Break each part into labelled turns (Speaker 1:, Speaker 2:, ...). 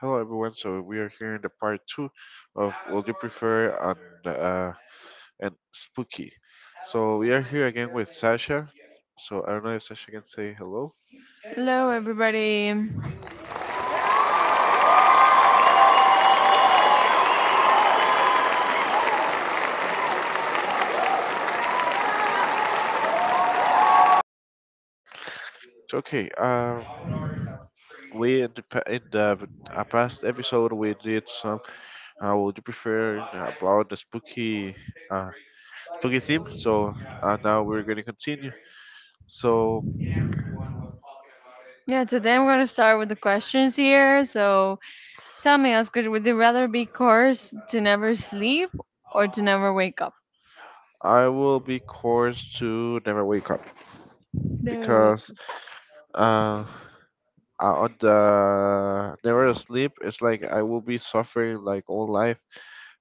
Speaker 1: Hello, everyone. So we are here in the part two of Would You Prefer and Spooky. So we are here again with Sasha. So I don't know if Sasha can say hello.
Speaker 2: Hello, everybody.
Speaker 1: So, okay. We in the past episode we did some. Would you prefer about the spooky uh theme? So now we're going to continue. So
Speaker 2: Yeah, today I'm going to start with the questions here. So tell me, Oscar, would you rather be cursed to never sleep or to never wake up?
Speaker 1: I will be course to never wake up
Speaker 2: No,
Speaker 1: because.
Speaker 2: wake.
Speaker 1: uh, on the never sleep, it's like I will be suffering like all life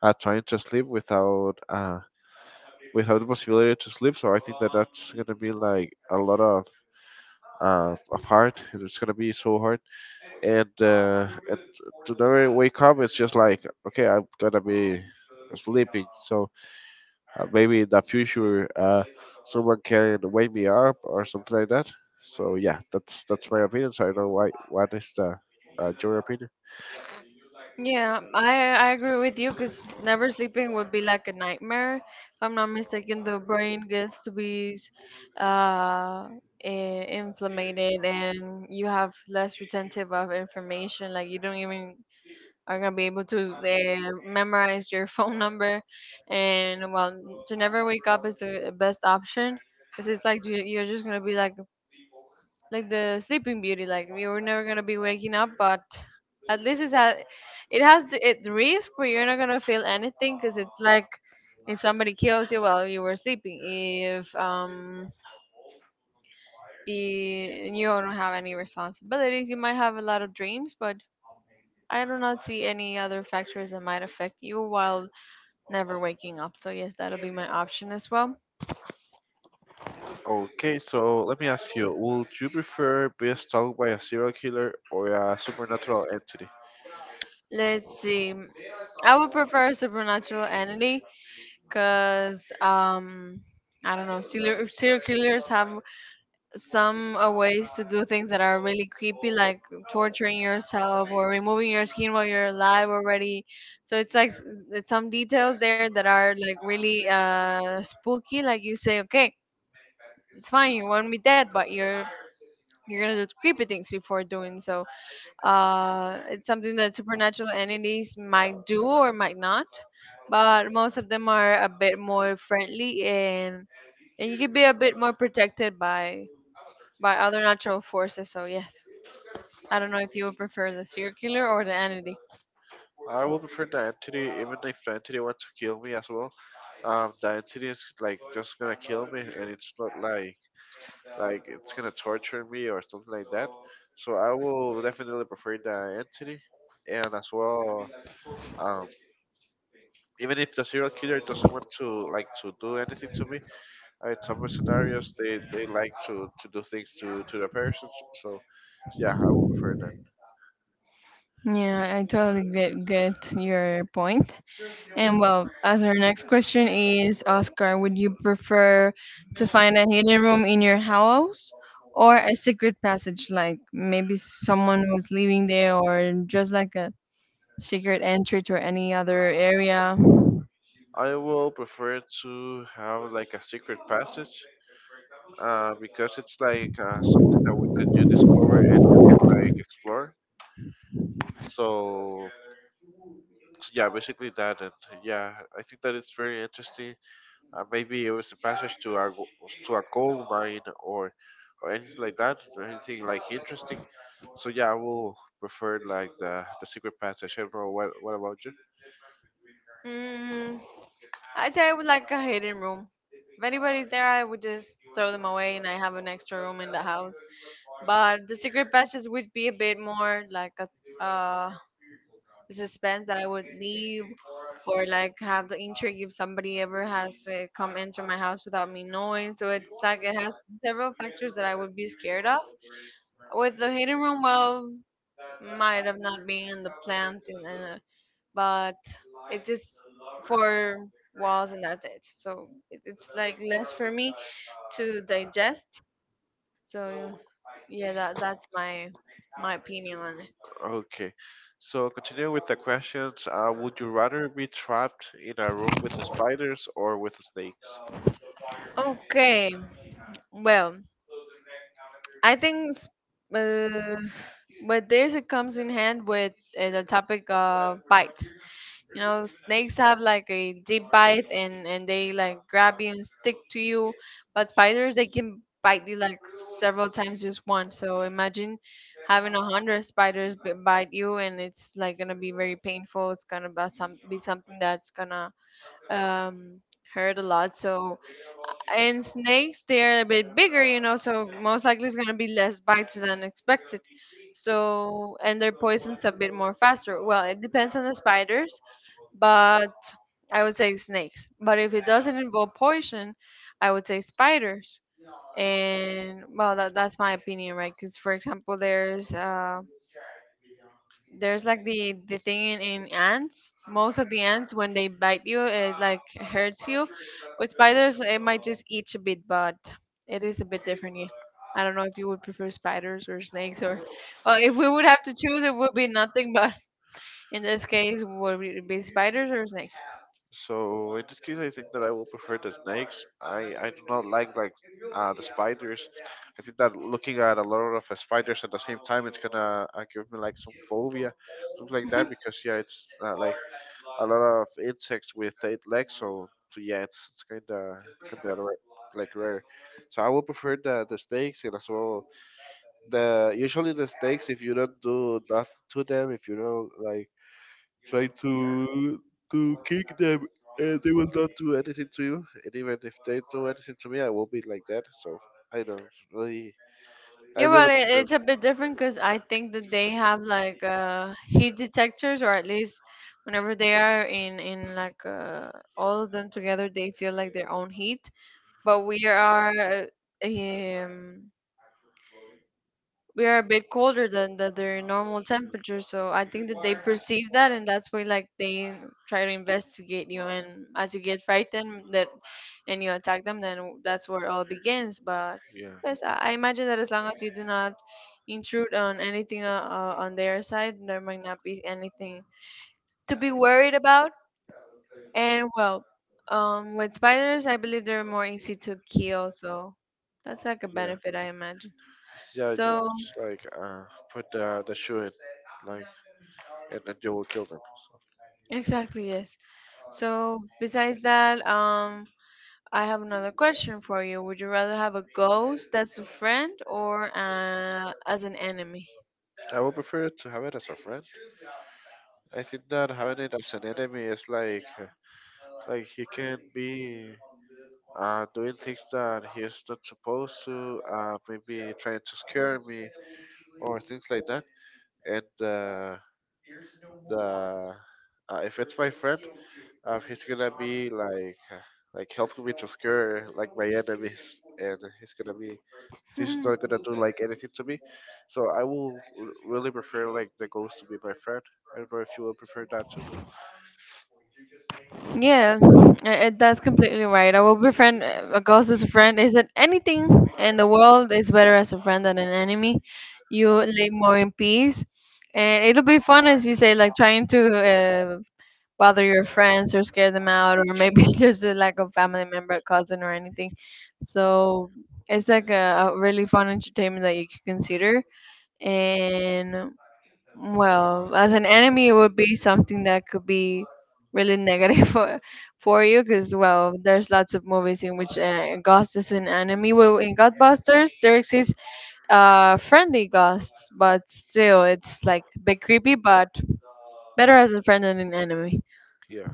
Speaker 1: trying to sleep without the possibility to sleep, so I think that that's gonna be like a lot of hard. It's gonna be so hard, and to never wake up it's just like, okay, I'm gonna be sleeping. So maybe in the future someone can wake me up or something like that. So yeah, that's my opinion. So I don't know why what is the your opinion.
Speaker 2: Yeah, I agree with you because never sleeping would be like a nightmare. If I'm not mistaken, the brain gets to be uh inflamed and you have less retentive of information. Like you don't even are gonna be able to memorize your phone number, and well, to never wake up is the best option because it's like you're just gonna be like the Sleeping Beauty, like you're never gonna be waking up, but at least it has the it risk, but you're not gonna feel anything because it's like if somebody kills you while you were sleeping, if I- you don't have any responsibilities. You might have a lot of dreams, but I do not see any other factors that might affect you while never waking up. So yes, that'll be my option as well.
Speaker 1: Okay, so let me ask you, would you prefer being stalked by a serial killer or a supernatural entity?
Speaker 2: Let's see. I would prefer supernatural entity because I don't know, serial killers have some ways to do things that are really creepy, like torturing yourself or removing your skin while you're alive already. So it's some details there that are like really spooky. Like you say, okay, it's fine, you want me dead, but you're gonna do creepy things before doing so. It's something that supernatural entities might do or might not, but most of them are a bit more friendly and you can be a bit more protected by other natural forces. So yes, I don't know if you would prefer the circular or the entity.
Speaker 1: I would prefer the entity, even if the entity wants to kill me as well. The entity is like just gonna kill me, and it's not like it's gonna torture me or something like that. So I will definitely prefer the entity, and as well, um, even if the serial killer doesn't want to do anything to me. In some scenarios, they like to do things to the persons. So yeah, I will prefer that.
Speaker 2: Yeah, I totally get your point. And well, as our next question is, Oscar, would you prefer to find a hidden room in your house or a secret passage, like maybe someone was living there, or just like a secret entry to any other area?
Speaker 1: I will prefer to have like a secret passage, because it's like something that that you discover and you can like explore. So, so yeah, basically that, and yeah, I think that it's very interesting. Maybe it was a passage to a gold mine or anything like that or anything like interesting. So yeah, I will prefer like the secret passage. I don't know what about you.
Speaker 2: Mm-hmm. I say I would like a hidden room. If anybody's there, I would just throw them away and I have an extra room in the house. But the secret passages would be a bit more like a uh, suspense that I would leave or like have the intrigue if somebody ever has to come into my house without me knowing. So it's like it has several factors that I would be scared of. With the hidden room, well, might have not been in the plans, but it just four walls and that's it. So it's like less for me to digest. So yeah, that's my opinion on
Speaker 1: Okay, so continuing with the questions, would you rather be trapped in a room with spiders or with snakes?
Speaker 2: it. Okay, well. I think, uh, but there's it comes in hand with the topic of bites. You know, snakes have like a deep bite and they like grab you and stick to you, but spiders they can bite you like several times just once. So imagine having a hundred spiders bite you, and it's like gonna be very painful. It's gonna be something that's gonna um, heard a lot. So and snakes they're a bit bigger, you know, so most likely it's gonna be less bites than expected. So and their poison's a bit more faster. Well, it depends on the spiders, but I would say snakes. But if it doesn't involve poison, I would say spiders. And well, that's my opinion, right? Because for example, there's like the thing in ants most of the ants when they bite you it like hurts you with spiders it might just eat a bit but it is a bit different. Yeah, I don't know if you would prefer spiders or snakes, or well, if we would have to choose it would be nothing, but in this case would it be spiders or snakes?
Speaker 1: So in this case, I think that I will prefer the snakes. I do not like the spiders. I think that looking at a lot of spiders at the same time, it's gonna give me like some phobia, something like that. Because yeah, it's like a lot of insects with eight legs. So, so yeah, it's kind of like rare. So I will prefer the snakes, and as well, the usually the snakes, if you don't do nothing to them, if you don't like try to kick them, and they will not do anything to you. And even if they do anything to me, I will be like that. So I don't really. I
Speaker 2: Yeah,
Speaker 1: really.
Speaker 2: but it's a bit different because I think that they have like heat detectors, or at least whenever they are in like all of them together, they feel like their own heat. But um, we are a bit colder than their normal temperature, so I think that they perceive that, and that's why like they try to investigate you. And as you get frightened, that and you attack them, then that's where all begins. But
Speaker 1: Yeah,
Speaker 2: yes, I imagine that as long as you do not intrude on anything on their side, there might not be anything to be worried about. And well, with spiders, I believe they're more easy to kill, so that's like a
Speaker 1: yeah,
Speaker 2: benefit, I imagine.
Speaker 1: yeah. Just
Speaker 2: So
Speaker 1: like put the shoe in, like, and then you will kill them.
Speaker 2: exactly, yes. So besides that. I have another question for you. Would you rather have a ghost that's a friend or as an enemy?
Speaker 1: So I would prefer to have it as a friend. I think that having it as an enemy is like he can be doing things that he is not supposed to, maybe trying to scare me or things like that. And the if it's my friend, he's gonna be like helping me to scare like my enemies, and he's not gonna do like anything to me. So I will really prefer like the ghost to be my friend. I don't know if you would prefer that too.
Speaker 2: Yeah, that's completely right. A will befriend, a ghost is a friend. Is that anything in the world is better as a friend than an enemy? You live more in peace, and it'll be fun as you say, like trying to uh, bother your friends or scare them out, or maybe just a lack of family member, cousin, or anything. So it's like a really fun entertainment that you could consider. And well, as an enemy, it would be something that could be really negative for you, because well, there's lots of movies in which Ghost is an enemy. Well, in Godbusters, there exists friendly ghosts, but still, it's like a bit creepy, but better as a friend than an enemy.
Speaker 1: Yeah.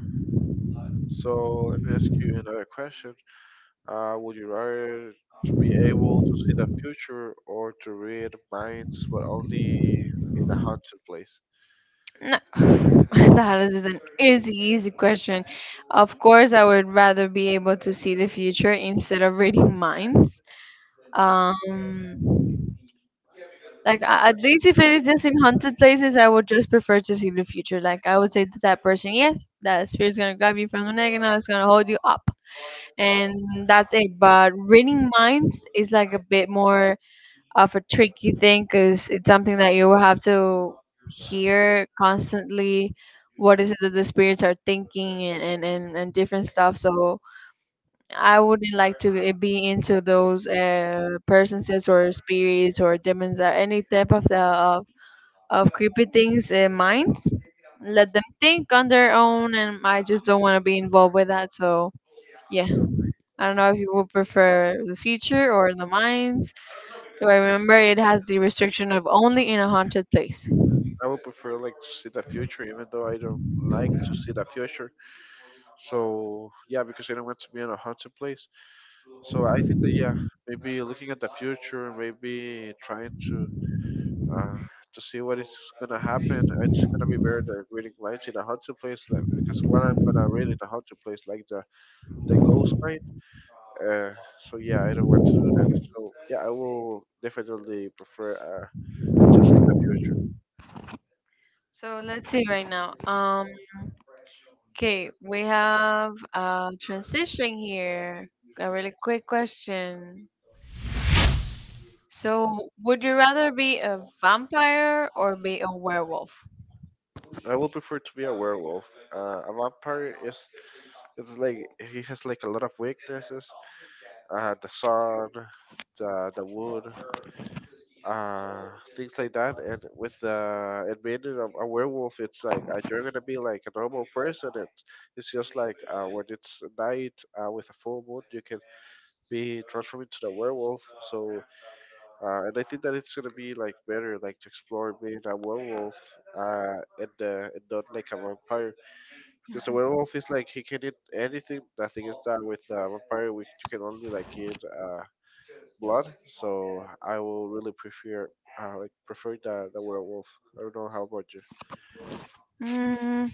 Speaker 1: So let me ask you another question. Would you rather to be able to see the future or to read minds, but only in a haunted place?
Speaker 2: No, that is an easy question. Of course, I would rather be able to see the future instead of reading minds. Um, Like at least if it is just in haunted places, I would just prefer to see the future. Like I would say to that person, yes, that spirit's gonna grab you from the neck and it's gonna hold you up, and that's it. But reading minds is like a bit more of a tricky thing because it's something that you will have to hear constantly. What is it that the spirits are thinking and different stuff. So I wouldn't like to be into those presences or spirits or demons or any type of of creepy things in minds. Let them think on their own, and I just don't want to be involved with that. So yeah, I don't know if you would prefer the future or the minds. Do I remember it has the restriction of only in a haunted place?
Speaker 1: I would prefer like to see the future, even though I don't like to see the future. So yeah, because I don't want to be in a haunted place. So I think that yeah, maybe looking at the future, maybe trying to uh, see what is gonna happen. It's gonna be where the reading lights in a haunted place, that, because what I'm gonna read in a haunted place, like the ghost night. Uh, so yeah, I don't want to do that. So yeah, I will definitely prefer to see the future.
Speaker 2: So let's see right now. Okay, we have transitioning here. A really quick question. So, would you rather be a vampire or be a werewolf?
Speaker 1: I would prefer to be a werewolf. A vampire is it's like he has like a lot of weaknesses. The sun, the wood, uh, things like that. And with the and being a werewolf, it's like you're gonna be like a normal person. And it's just like when it's night with a full moon, you can be transformed into the werewolf. So and I think that it's gonna be like better, like to explore being a werewolf, and not like a vampire, because the werewolf is like he can eat anything. The thing is that with a vampire, we you can only like eat blood. So I will really prefer the werewolf. I don't know how about you.
Speaker 2: Mm,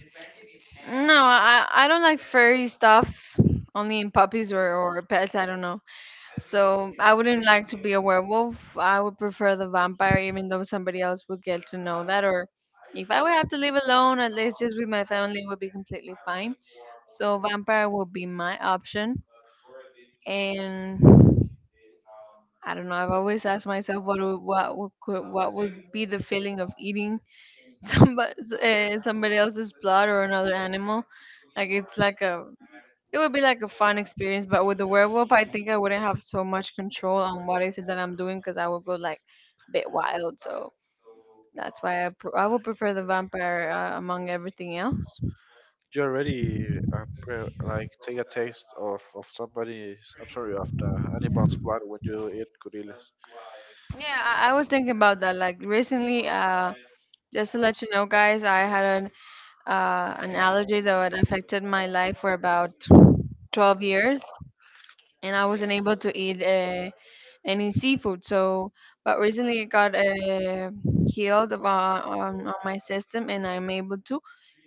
Speaker 2: no, I don't like furry stuffs, only in puppies or pets, I don't know. So, I wouldn't like to be a werewolf. I would prefer the vampire, even though somebody else would get to know that. Or if I would have to live alone, at least just with my family, would be completely fine. So, vampire would be my option. And I don't know. I've always asked myself what would be the feeling of eating somebody somebody else's blood or another animal. Like it would be like a fun experience, but with the werewolf, I think I wouldn't have so much control on what is it that I'm doing because I would go like bit wild. So that's why I would prefer the vampire among everything else.
Speaker 1: You already like take a taste of somebody's. I'm sorry, of the animal's blood when you eat gorillas.
Speaker 2: Yeah, I was thinking about that. Like recently, just to let you know, guys, I had an allergy that had affected my life for about 12 years, and I wasn't able to eat any seafood. So, but recently it got healed on my system, and I'm able to.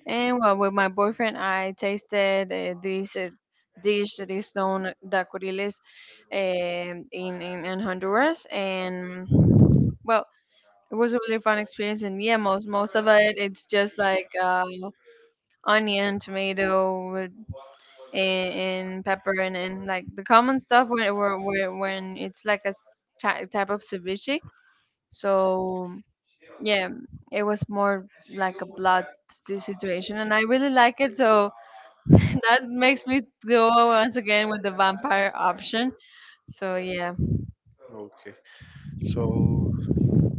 Speaker 2: And well, with my boyfriend, I tasted this dish that is known the curiles in, in Honduras, and well, it was a really fun experience. And yeah, most of it, it's just like. Onion, tomato, and pepper, and like the common stuff when it's like a type of ceviche. So yeah, it was more like a blood situation, and I really like it. So that makes me go once again with the vampire option. So yeah.
Speaker 1: Okay, so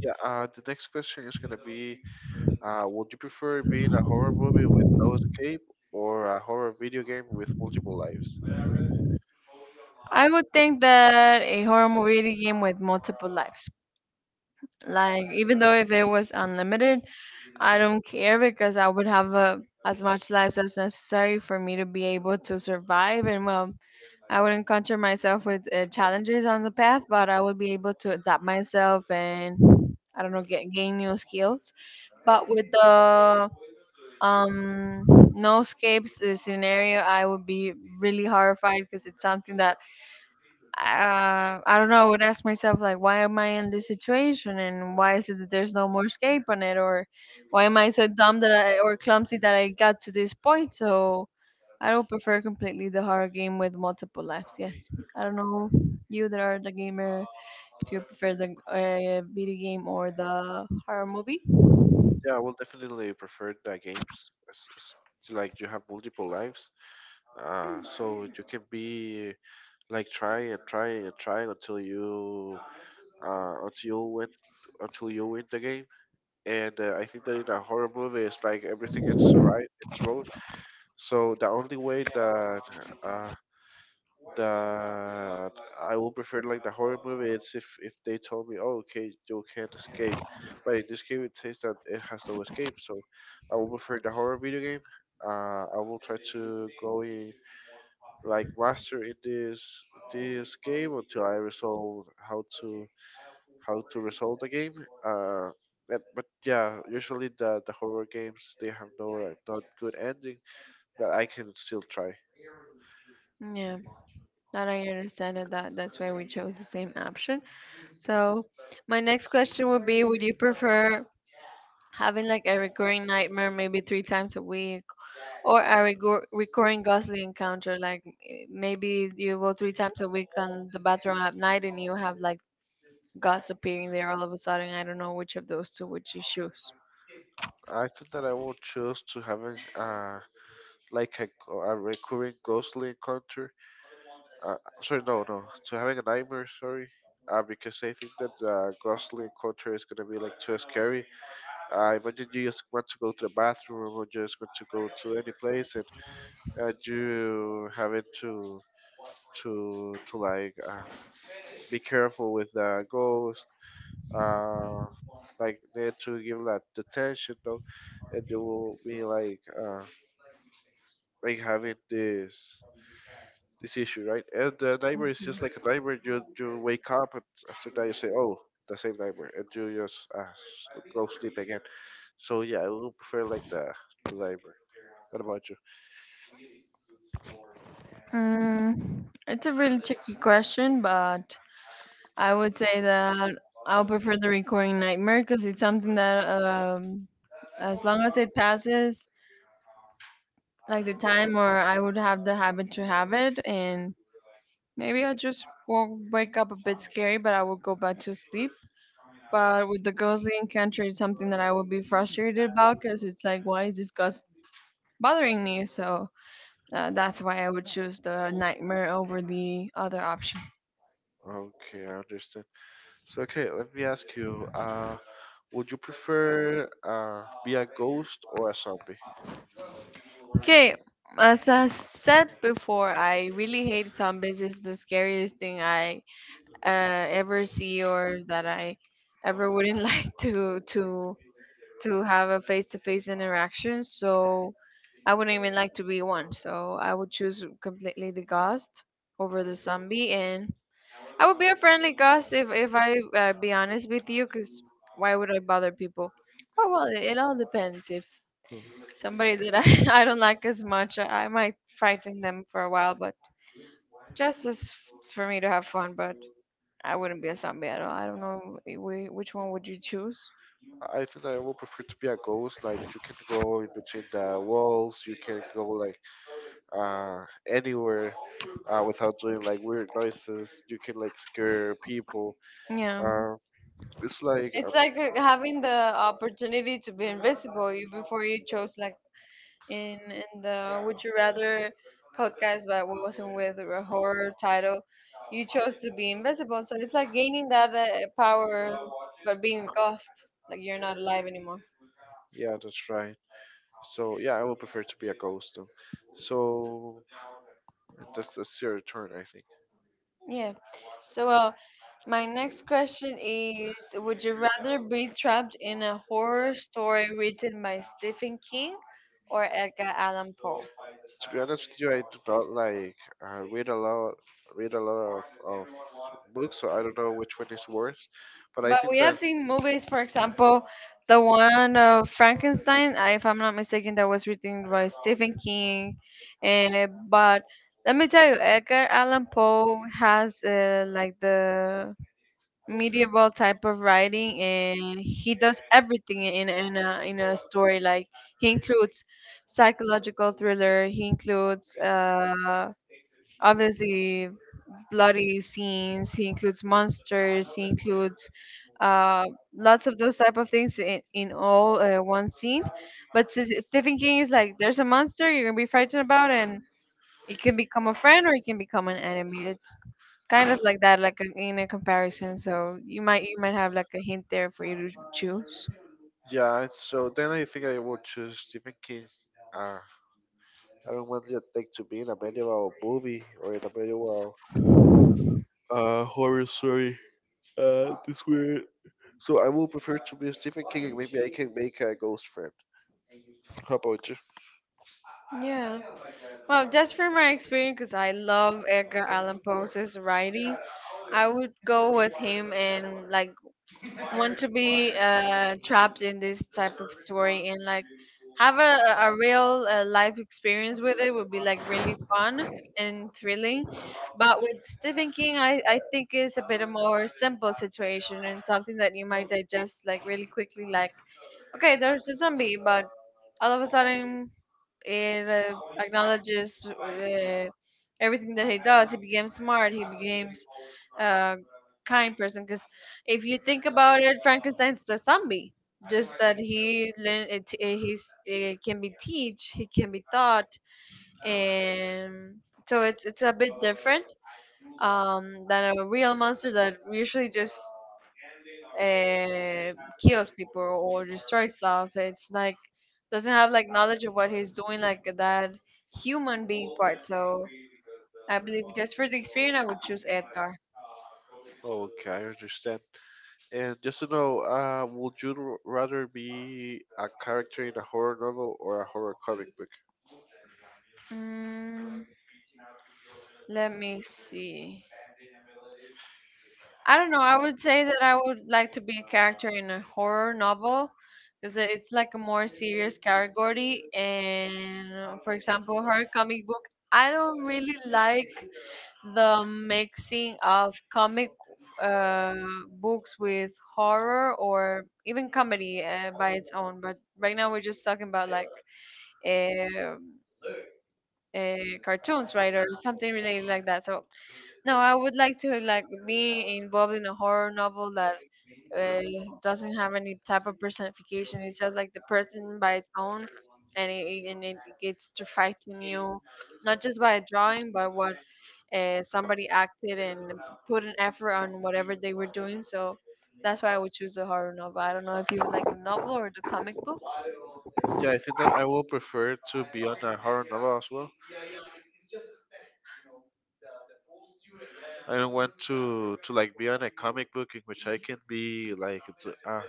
Speaker 1: yeah. The next question is gonna be, would you prefer being a horror movie with no escape or a horror video game with multiple lives?
Speaker 2: I would think that a horror movie video game with multiple lives. Like even though if it was unlimited, I don't care because I would have as much lives as necessary for me to be able to survive. And well, I would encounter myself with challenges on the path, but I would be able to adapt myself and I don't know get gain new skills. But with the um no escapes scenario I would be really horrified because it's something that I don't know, I would ask myself like, why am I in this situation and why is it that there's no more escape on it, or why am I so dumb that I or clumsy that I got to this point? So I don't prefer, completely, the horror game with multiple lives. Yes, I don't know, you that are the gamer, if you prefer the video game or the horror movie.
Speaker 1: Yeah, I will definitely prefer the games. It's like you have multiple lives, so you can be like try and try and try uh, until you win until you win the game. And I think that in a horror movie, it's like everything is right, it's wrong. So the only way that uh, that I would prefer like the horror movie it's if they told me, oh okay, you can't escape. But in this game it says that it has no escape, so I would prefer the horror video game. I will try to go in like master in this game until I resolve how to resolve the game. Uh but yeah, usually the horror games they have no not good ending, but I can still try.
Speaker 2: Yeah, that I understand it, that's why we chose the same option. So, my next question would be, would you prefer having like a recurring nightmare maybe 3 times a week or a recurring ghostly encounter? Like maybe you go 3 times a week on the bathroom at night and you have like ghosts appearing there all of a sudden. I don't know which of those two would you choose.
Speaker 1: I think that I will choose to having like a recurring ghostly encounter. Uh, sorry, no, no, to having a nightmare. Sorry, because I think that ghostly encounter is gonna be like too scary. I imagine you just want to go to the bathroom or just want to go to any place, and you having to be careful with the ghost uh, like there to give that detention though, and they will be like having this issue, right? And the nightmare is just like a nightmare. You wake up, and after that you say, oh, the same nightmare, and you just go sleep again. So yeah, I would prefer like the nightmare. What about you?
Speaker 2: Mm, it's a really tricky question, but I would say that I'll prefer the recurring nightmare because it's something that, as long as it passes, like the time, or I would have the habit to have it, and maybe I just won't wake up a bit scary, but I will go back to sleep. But with the ghostly encounter, it's something that I would be frustrated about because it's like, why is this ghost bothering me? So that's why I would choose the nightmare over the other option.
Speaker 1: Okay, I understand. So okay, let me ask you. Would you prefer be a ghost or a zombie?
Speaker 2: Okay, as I said before, I really hate zombies. It's the scariest thing I ever see, or that I ever wouldn't like to have a face-to-face interaction. So I wouldn't even like to be one. So I would choose completely the ghost over the zombie, and I would be a friendly ghost if I be honest with you, because why would I bother people? Oh well, it all depends if
Speaker 1: Hmm.
Speaker 2: somebody that I don't like as much. I might frighten them for a while, but just as for me to have fun. But I wouldn't be a zombie at all. I don't know which one would you choose.
Speaker 1: I think I would prefer to be a ghost. Like you can go in between the walls, you can go like anywhere without doing like weird noises. You can like scare people.
Speaker 2: Yeah,
Speaker 1: Uh, it's like a,
Speaker 2: it's like having the opportunity to be invisible. You before you chose like in the Would You Rather podcast, but what wasn't with a horror title. You chose to be invisible, so it's like gaining that power, but being a ghost. Like you're not alive anymore.
Speaker 1: yeah, that's right. So yeah, I would prefer to be a ghost. Though. So that's your turn, I think.
Speaker 2: Yeah. So well, my next question is, would you rather be trapped in a horror story written by Stephen King or Edgar Allan Poe?
Speaker 1: To be honest with you, I do not like uh, read a lot, read a lot of books, so I don't know which one is worse. But I
Speaker 2: But
Speaker 1: think
Speaker 2: we
Speaker 1: that
Speaker 2: have seen movies, for example, the one of Frankenstein, if I'm not mistaken, that was written by Stephen King. But let me tell you, Edgar Allan Poe has like the medieval type of writing, and he does everything in a story. Like he includes psychological thriller, he includes obviously bloody scenes. He includes monsters. He includes uh, lots of those type of things in all one scene. But Stephen King is like, there's a monster you're gonna be frightened about, and it can become a friend or it can become an enemy. It's kind of like that, like a, in a comparison. So you might have like a hint there for you to choose.
Speaker 1: yeah, so then I think I will choose Stephen King. Uh, I don't want the thing to be in a medieval movie or in a medieval horror story. This weird. So I will prefer to be Stephen King, and maybe I can make a ghost friend. How about you?
Speaker 2: Yeah. Well, just from my experience, because I love Edgar Allan Poe's writing, I would go with him and like want to be trapped in this type of story and like have a real life experience with it would be like really fun and thrilling. But with Stephen King, I think it's a bit a more simple situation and something that you might digest like really quickly. Like, okay, there's a zombie, but all of a sudden it acknowledges everything that he does. He became smart, he becomes uh, kind person, because if you think about it, Frankenstein's a zombie. Just that he learn it, he's, it can be teach, he can be taught. And so it's a bit different, um, than a real monster that usually just uh, kills people or destroys stuff. It's like doesn't have like knowledge of what he's doing, like that human being part. So I believe, just for the experience, I would choose Edgar.
Speaker 1: Okay, I understand. And just to know, would you rather be a character in a horror novel or a horror comic book?
Speaker 2: Mm, let me see. I don't know. I would say that I would like to be a character in a horror novel because it's like a more serious category. And for example, her comic book, I don't really like the mixing of comic uh, books with horror or even comedy by its own. But right now we're just talking about like uh, uh, cartoons, right, or something related like that. So no, I would like to like be involved in a horror novel that uh, doesn't have any type of personification. It's just like the person by its own, and it gets to frighten you, not just by a drawing, but what somebody acted and put an effort on whatever they were doing. So that's why I would choose the horror novel. I don't know if you would like the novel or the comic book.
Speaker 1: Yeah, I think that I will prefer to be on a horror novel as well. I don't want to like be on a comic book in which I can be like to,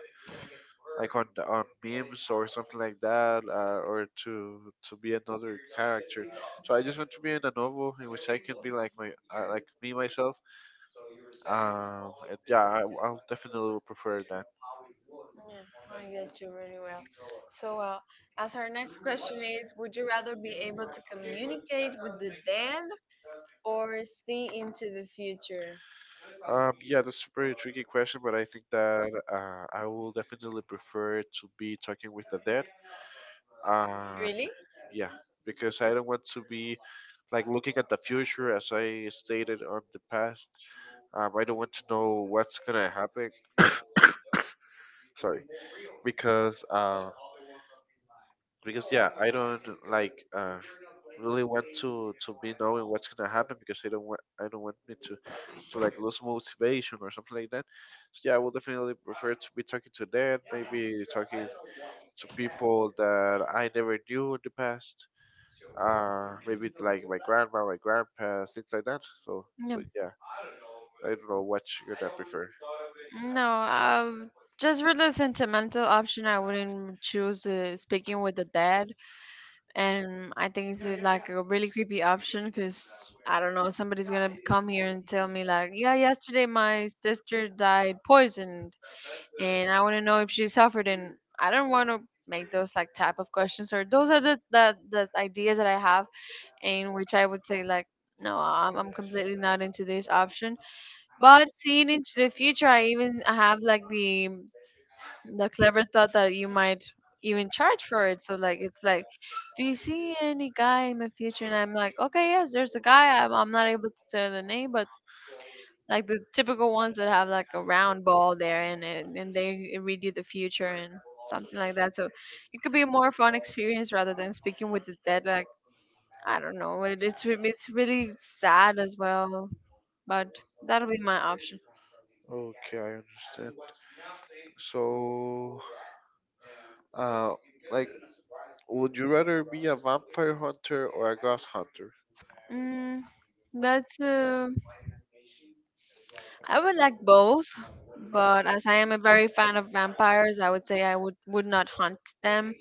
Speaker 1: like on memes or something like that, or to to be another character. So I just want to be in a novel in which I can be like my like me myself. And yeah, I'll definitely will prefer that.
Speaker 2: Yeah, I get you really well. So, as our next question is, would you rather be able to communicate with the dead or see into the future?
Speaker 1: Yeah, that's a pretty tricky question, but I think that I will definitely prefer to be talking with the dead. Um,
Speaker 2: Really?
Speaker 1: yeah, because I don't want to be like looking at the future as I stated on the past. I don't want to know what's gonna happen. Sorry, because. Because yeah, I don't like really want to be knowing what's gonna happen, because I don't want me to like lose motivation or something like that. So yeah, I would definitely prefer to be talking to them, maybe talking to people that I never knew in the past. Maybe like my grandma, my grandpa, things like that. So
Speaker 2: No,
Speaker 1: yeah, I don't know what you're gonna prefer.
Speaker 2: no. Just for the sentimental option, I wouldn't choose speaking with the dead. And I think it's like a really creepy option because, I don't know, somebody's gonna come here and tell me like, yeah, yesterday my sister died poisoned, and I want to know if she suffered. And I don't want to make those like type of questions, or those are the ideas that I have, in which I would say like no, I'm completely not into this option. But seeing into the future, I even have like the clever thought that you might even charge for it. So like it's like, do you see any guy in the future? And I'm like, okay, yes, there's a guy, I'm not able to tell the name, but like the typical ones that have like a round ball there, and and they read you the future and something like that. So it could be a more fun experience rather than speaking with the dead. Like, I don't know, it's really sad as well, but that'll be my option.
Speaker 1: Okay, I understand. So. Uh, like, would you rather be a vampire hunter or a ghost hunter?
Speaker 2: Mm, that's I would like both, but as I am a very fan of vampires, I would say I would not hunt them.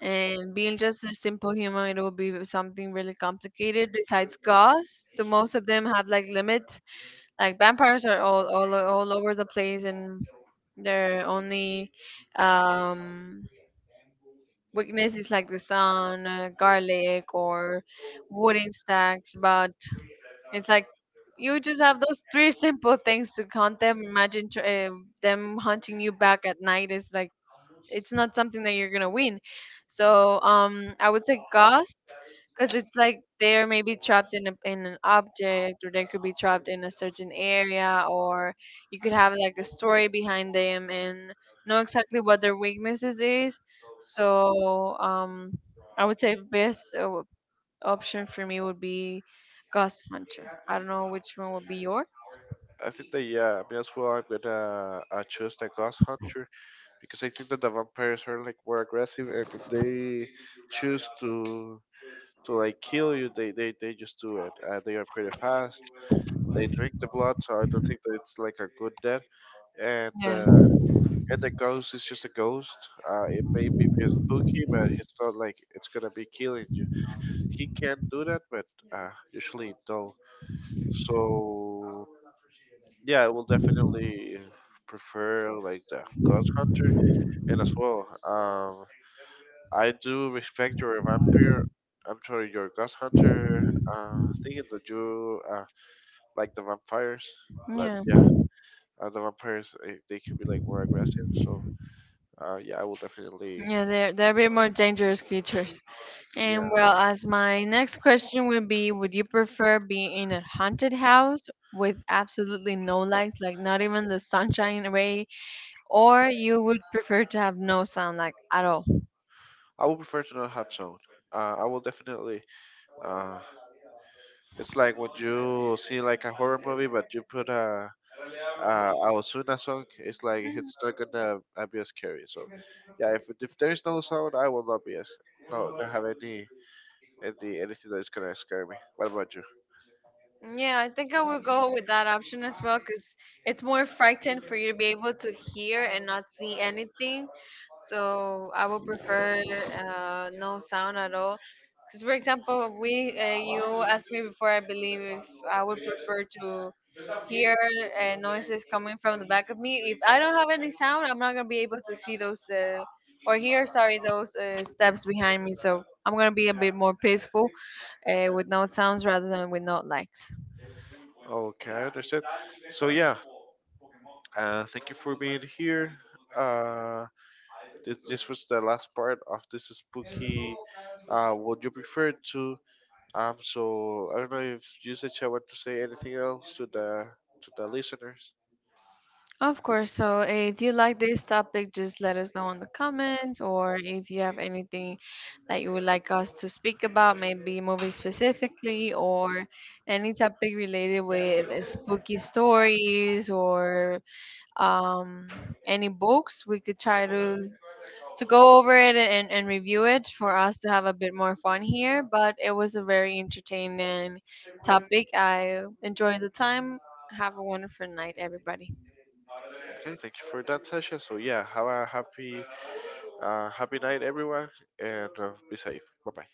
Speaker 2: And being just a simple human, it will be something really complicated. Besides ghosts, the most of them have like limits. Like vampires are all over the place, and their only um, weakness is like the sun, garlic, or wooden stacks. But it's like you just have those three simple things to hunt them. Imagine tr them hunting you back at night is like it's not something that you're gonna win. So I would say ghost, because it's like they're maybe trapped in in an object, or they could be trapped in a certain area, or you could have like a story behind them and know exactly what their weaknesses is. So I would say best option for me would be ghost hunter. I don't know which one would be yours.
Speaker 1: I think that yeah, me as well. I'm gonna choose the ghost hunter, because I think that the vampires are like more aggressive, and if they choose to like kill you, they just do it. They are pretty fast. They drink the blood, so I don't think that it's like a good death. And
Speaker 2: Yeah,
Speaker 1: uh, and the ghost is just a ghost. It may be a bit spooky, but it's not like it's gonna be killing you. He can do that, but usually don't. So yeah, I will definitely prefer like the Ghost Hunter, and as well, I do respect your vampire. I'm sorry, your Ghost Hunter. Thinking that you like the vampires, but
Speaker 2: yeah,
Speaker 1: yeah, the vampires they can be like more aggressive. So yeah, I will definitely.
Speaker 2: yeah. They're a bit more dangerous creatures. And
Speaker 1: Yeah.
Speaker 2: well, as my next question would be, would you prefer being in a haunted house with absolutely no lights, like not even the sunshine ray, or you would prefer to have no sound, like at all?
Speaker 1: I would prefer to not have sound. I will definitely. Uh, it's like when you see like a horror movie, but you put a Ozuna song. It's like it's not gonna be as scary. So yeah, if there is no sound, I will not be as no not have anything that is gonna scare me. What about you?
Speaker 2: Yeah, I think I would go with that option as well because it's more frightened for you to be able to hear and not see anything. So I would prefer no sound at all. Because, for example, we you asked me before, I believe, if I would prefer to hear noises coming from the back of me. If I don't have any sound, I'm not gonna be able to see those or hear, sorry, those steps behind me. So I'm gonna be a bit more peaceful with no sounds rather than with no lights.
Speaker 1: Okay, I understand. So yeah, thank you for being here. Uh, this was the last part of this spooky. Would you prefer to? So I don't know if you said you want to say anything else to the listeners.
Speaker 2: Of course. So if you like this topic, just let us know in the comments, or if you have anything that you would like us to speak about, maybe movies specifically, or any topic related with spooky stories or um, any books, we could try to go over it and review it for us to have a bit more fun here. But it was a very entertaining topic. I enjoyed the time. Have a wonderful night, everybody.
Speaker 1: Okay, thank you for that session. So yeah, have a happy night, everyone, and be safe. Bye bye.